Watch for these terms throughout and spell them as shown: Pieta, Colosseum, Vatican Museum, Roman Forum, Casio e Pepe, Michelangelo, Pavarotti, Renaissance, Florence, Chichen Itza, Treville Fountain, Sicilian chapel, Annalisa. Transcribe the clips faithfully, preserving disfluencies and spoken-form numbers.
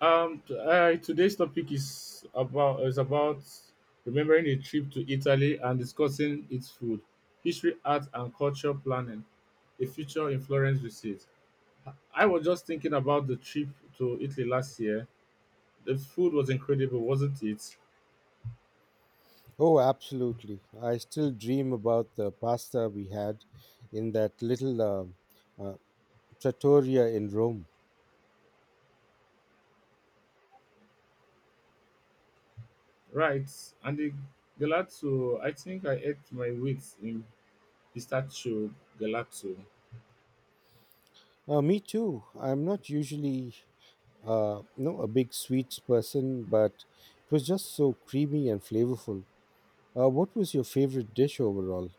Um, t- uh, today's topic is about is about remembering a trip to Italy and discussing its food, history, art, and culture planning. A future in Florence visit. I was just thinking about the trip to Italy last year. The food was incredible, wasn't it? Oh, absolutely. I still dream about the pasta we had in that little uh, uh, trattoria in Rome. Right, and the gelato. I think I ate my weight in pistachio gelato. Uh, me too. I'm not usually uh, no, a big sweets person, but it was just so creamy and flavorful. Uh, what was your favorite dish overall?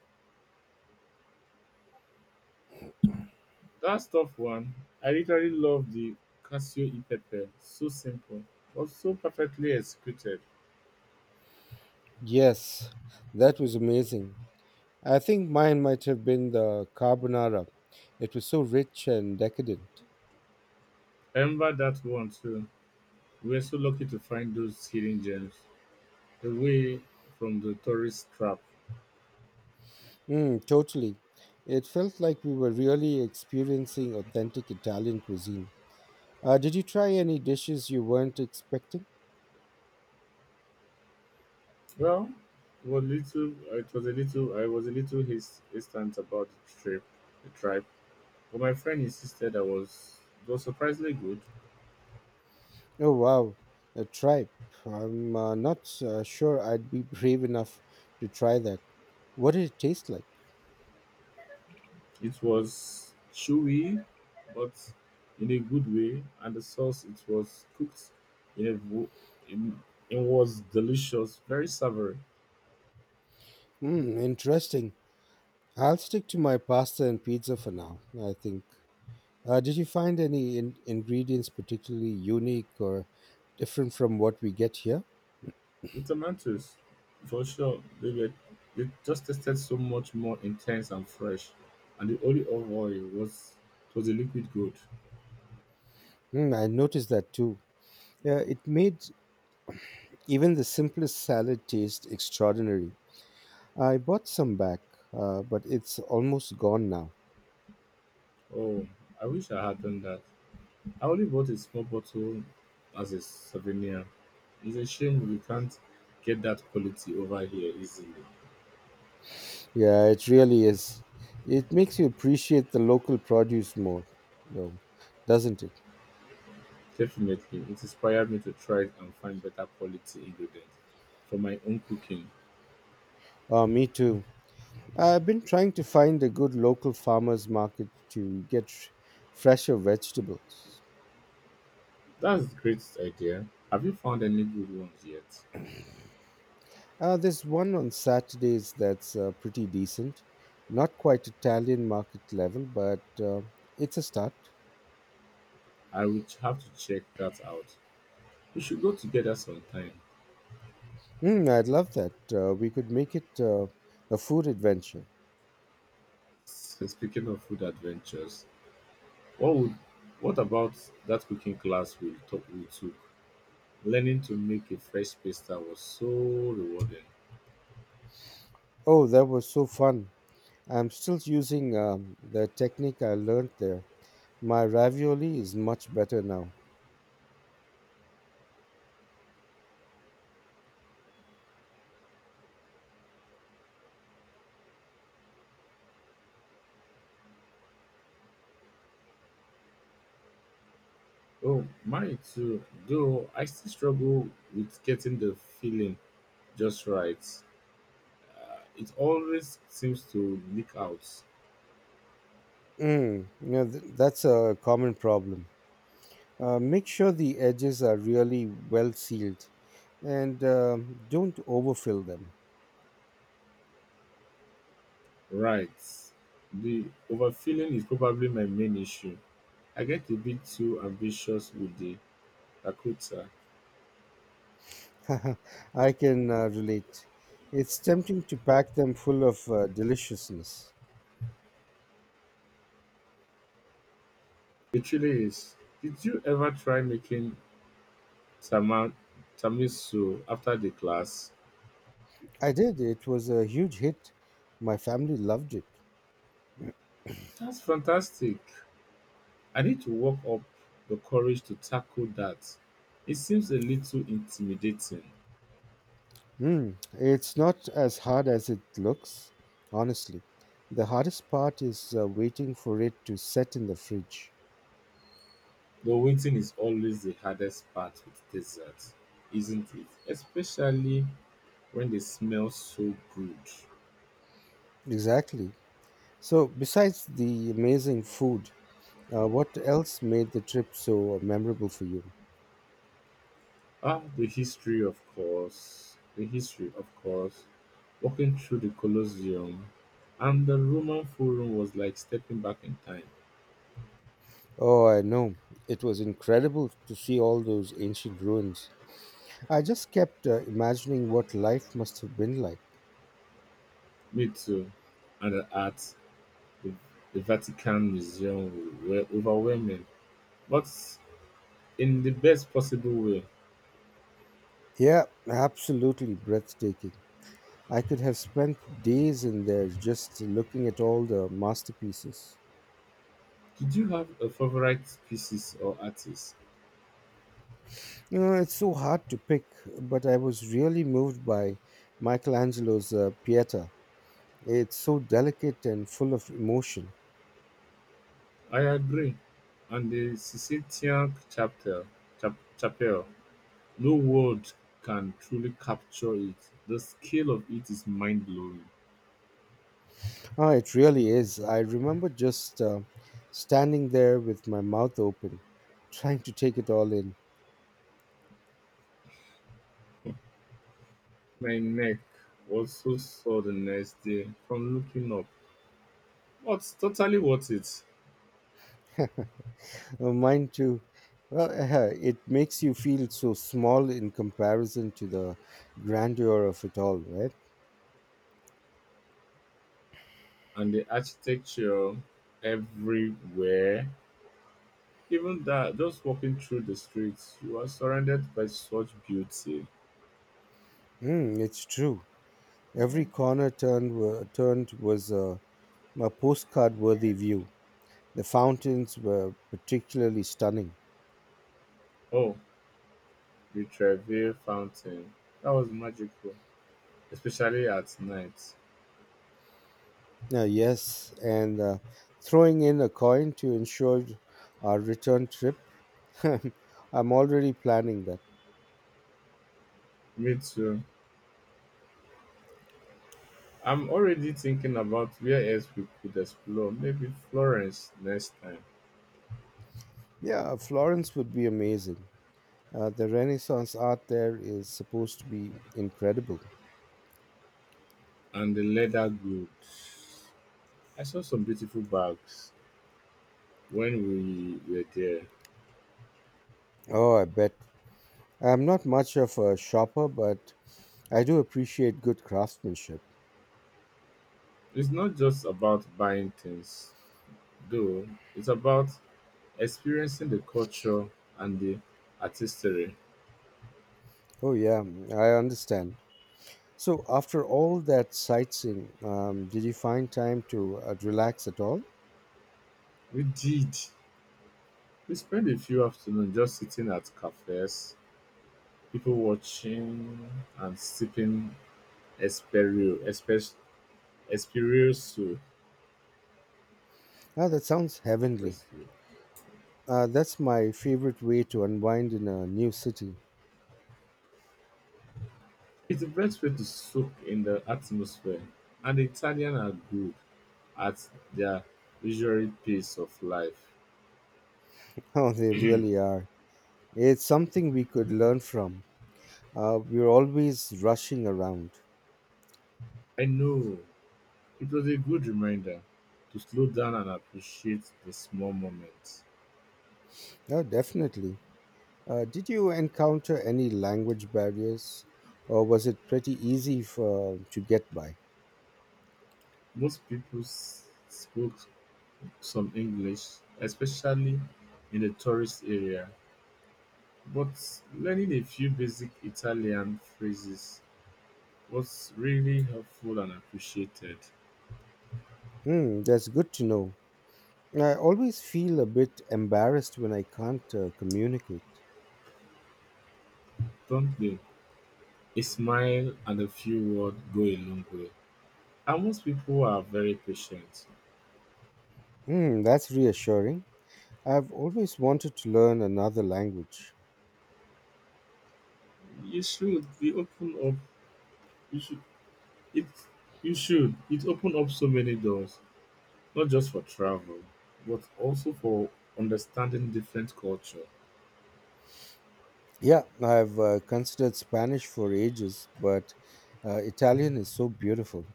That's tough one. I literally love the Casio e Pepe. So simple, but so perfectly executed. Yes, that was amazing. I think mine might have been the carbonara. It was so rich and decadent. I remember that one too. We were so lucky to find those hidden gems away from the tourist trap. Mm, totally. It felt like we were really experiencing authentic Italian cuisine. Uh, did you try any dishes you weren't expecting? Well, it was little. It was a little. I was a little his- hesitant about the trip, the tribe, but my friend insisted I was it was surprisingly good. Oh, wow. A tripe. I'm uh, not uh, sure I'd be brave enough to try that. What did it taste like? It was chewy, but in a good way, and the sauce it was cooked in a vo- in, it was delicious, very savory. Mm, interesting. I'll stick to my pasta and pizza for now, I think. Uh, did you find any in- ingredients particularly unique or different from what we get here? The tomatoes, for sure, they were they just tasted so much more intense and fresh, and the olive oil was it was a liquid gold. Mm, I noticed that too. Yeah, it made even the simplest salad tastes extraordinary. I bought some back, uh, but it's almost gone now. Oh, I wish I had done that. I only bought a small bottle as a souvenir. It's a shame we can't get that quality over here easily. Yeah, it really is. It makes you appreciate the local produce more, though, doesn't it? Definitely, it inspired me to try and find better quality ingredients for my own cooking. Uh, me too. I've been trying to find a good local farmers market to get f- fresher vegetables. That's a great idea. Have you found any good ones yet? Uh, there's one on Saturdays that's uh, pretty decent. Not quite Italian market level, but uh, it's a start. I will have to check that out. We should go together sometime. Mm, I'd love that. Uh, we could make it uh, a food adventure. So speaking of food adventures, what would what about that cooking class we took? We took learning to make a fresh pasta was so rewarding. Oh, that was so fun. I'm still using um, the technique I learned there. My ravioli is much better now. Oh, mine too. Though I still struggle with getting the feeling just right. It always seems to leak out. Mm, you know, th- that's a common problem. Uh, make sure the edges are really well sealed and um, don't overfill them. Right. The overfilling is probably my main issue. I get a bit too ambitious with the Yakuza. I can uh, relate. It's tempting to pack them full of uh, deliciousness. It really is. Did you ever try making tama- tamisu after the class? I did. It was a huge hit. My family loved it. That's fantastic. I need to work up the courage to tackle that. It seems a little intimidating. Hmm. It's not as hard as it looks, honestly. The hardest part is uh, waiting for it to set in the fridge. The waiting is always the hardest part with desserts, isn't it? Especially when they smell so good. Exactly. So, besides the amazing food, uh, what else made the trip so memorable for you? Ah, the history, of course. The history, of course. Walking through the Colosseum and the Roman Forum was like stepping back in time. Oh, I know. It was incredible to see all those ancient ruins. I just kept uh, imagining what life must have been like. Me too. And the art, the, the Vatican Museum were overwhelming, but in the best possible way. Yeah, absolutely breathtaking. I could have spent days in there just looking at all the masterpieces. Did you have a favorite pieces or artist? You know, it's so hard to pick, but I was really moved by Michelangelo's uh, Pieta. It's so delicate and full of emotion. I agree. And the Sicilian chapter, chap, chapel. No words can truly capture it. The scale of it is mind blowing. Ah, it really is. I remember just uh, standing there with my mouth open, trying to take it all in. My neck also sore the next day from looking up. But totally worth it. Uh, mine too. Well, it makes you feel so small in comparison to the grandeur of it all, right? And the architecture everywhere. Even that, just walking through the streets, you are surrounded by such beauty. Mm, it's true. Every corner turned, were, turned was a, a postcard worthy view. The fountains were particularly stunning. Oh, the Treville Fountain. That was magical, especially at night. Now, yes, and uh, throwing in a coin to ensure our return trip, I'm already planning that. Me too. I'm already thinking about where else we could explore. Maybe Florence next time. Yeah, Florence would be amazing. Uh, the Renaissance art there is supposed to be incredible. And the leather goods. I saw some beautiful bags when we were there. Oh, I bet. I'm not much of a shopper, but I do appreciate good craftsmanship. It's not just about buying things, though, it's about experiencing the culture and the artistry. Oh, yeah, I understand. So, after all that sightseeing, um, did you find time to uh, relax at all? We did. We spent a few afternoons just sitting at cafes, people watching and sipping Esperio, Espresso. Ah, that sounds heavenly. Espresso. Uh, that's my favorite way to unwind in a new city. It's the best way to soak in the atmosphere, and the Italians are good at their leisurely pace of life. Oh, they really are. It's something we could learn from. Uh, we're always rushing around. I know it was a good reminder to slow down and appreciate the small moments. Oh, definitely. Uh, did you encounter any language barriers, or was it pretty easy for, to get by? Most people s- spoke some English, especially in the tourist area, but learning a few basic Italian phrases was really helpful and appreciated, Hmm, that's good to know. I always feel a bit embarrassed when I can't uh, communicate. don't they? A smile and a few words go a long way. And most people are very patient. Mm, that's reassuring. I've always wanted to learn another language. You should be open up. You should it. You should it open up so many doors, not just for travel, but also for understanding different culture. Yeah, I've uh, considered Spanish for ages, but uh, Italian is so beautiful.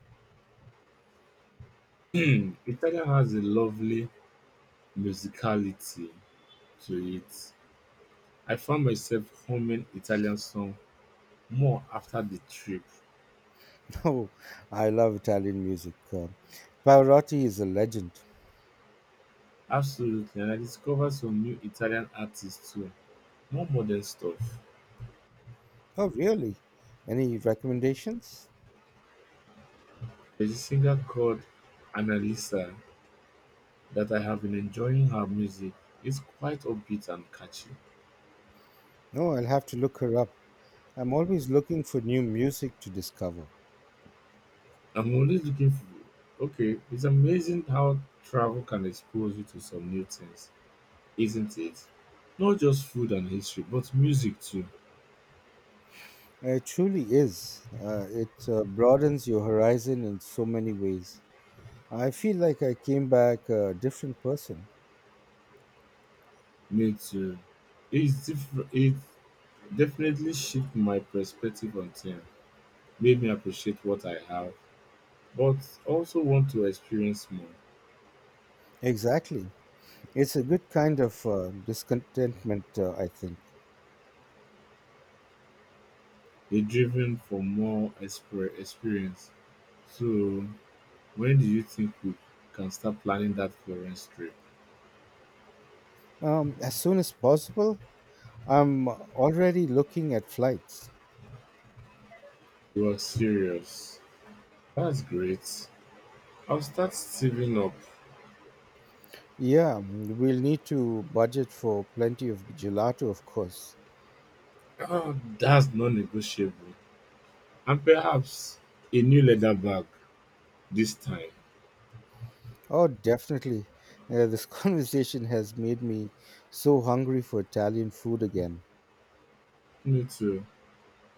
Hmm, Italia has a lovely musicality to it. I found myself humming Italian song more after the trip. Oh, I love Italian music. Uh, Pavarotti is a legend. Absolutely, and I discovered some new Italian artists too. More modern stuff. Oh, really? Any recommendations? There's a singer called Annalisa that I have been enjoying her music. It's quite upbeat and catchy. No, I'll have to look her up. I'm always looking for new music to discover. I'm always looking for okay, it's amazing how travel can expose you to some new things, isn't it? Not just food and history, but music too. Uh, It truly is. Uh, it uh, broadens your horizon in so many ways. I feel like I came back a different person. Me too. It's different it definitely shifted my perspective on things, made me appreciate what I have, but also want to experience more. Exactly. It's a good kind of uh, discontentment, uh, I think. You're driven for more exper- experience. So, when do you think we can start planning that Florence trip? Um, as soon as possible, I'm already looking at flights. You are serious. That's great. I'll start saving up. Yeah, mm, we'll need to budget for plenty of gelato, of course. Oh, that's non negotiable. And perhaps a new leather bag this time. Oh, definitely. Uh, this conversation has made me so hungry for Italian food again. Me too.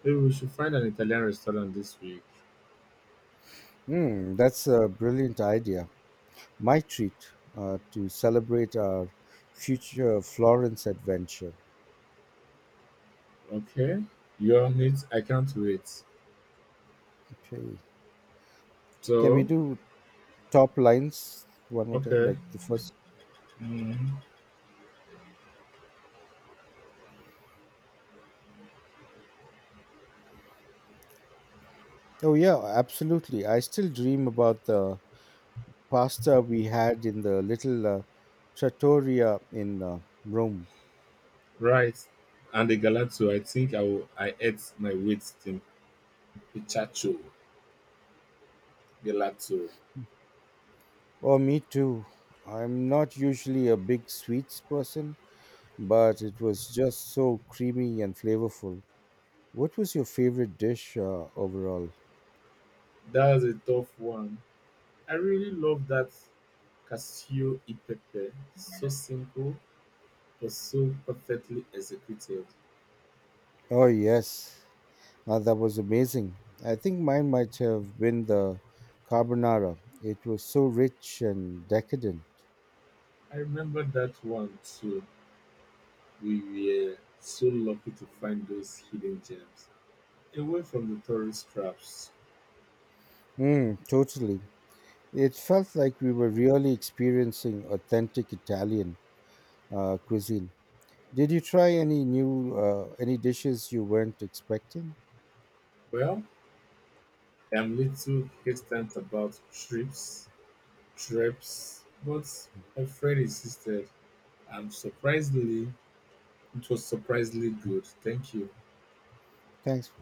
Maybe we should find an Italian restaurant this week. Mm, that's a brilliant idea. My treat uh, to celebrate our future Florence adventure. Okay. You're on it. I can't wait. Okay. Can we So, do top lines one more time? okay. Like the first. Mm. Oh, yeah, absolutely. I still dream about the pasta we had in the little uh, trattoria in uh, Rome. Right. And the Galato. I think I will, I ate my weight thing. Pichacho gelato. Oh, me too. I'm not usually a big sweets person, but it was just so creamy and flavorful. What was your favorite dish uh, overall? That's a tough one. I really love that cashew e pepe. So simple, but so perfectly executed. Oh, yes. Uh, that was amazing. I think mine might have been the carbonara. It was so rich and decadent. I remember that one too. We were so lucky to find those hidden gems away from the tourist traps. Mm, totally. It felt like we were really experiencing authentic Italian uh, cuisine. Did you try any new uh, any dishes you weren't expecting? Well, I'm little hesitant about trips, trips, but my friend insisted I'm surprisingly, it was surprisingly good. Thank you. Thanks.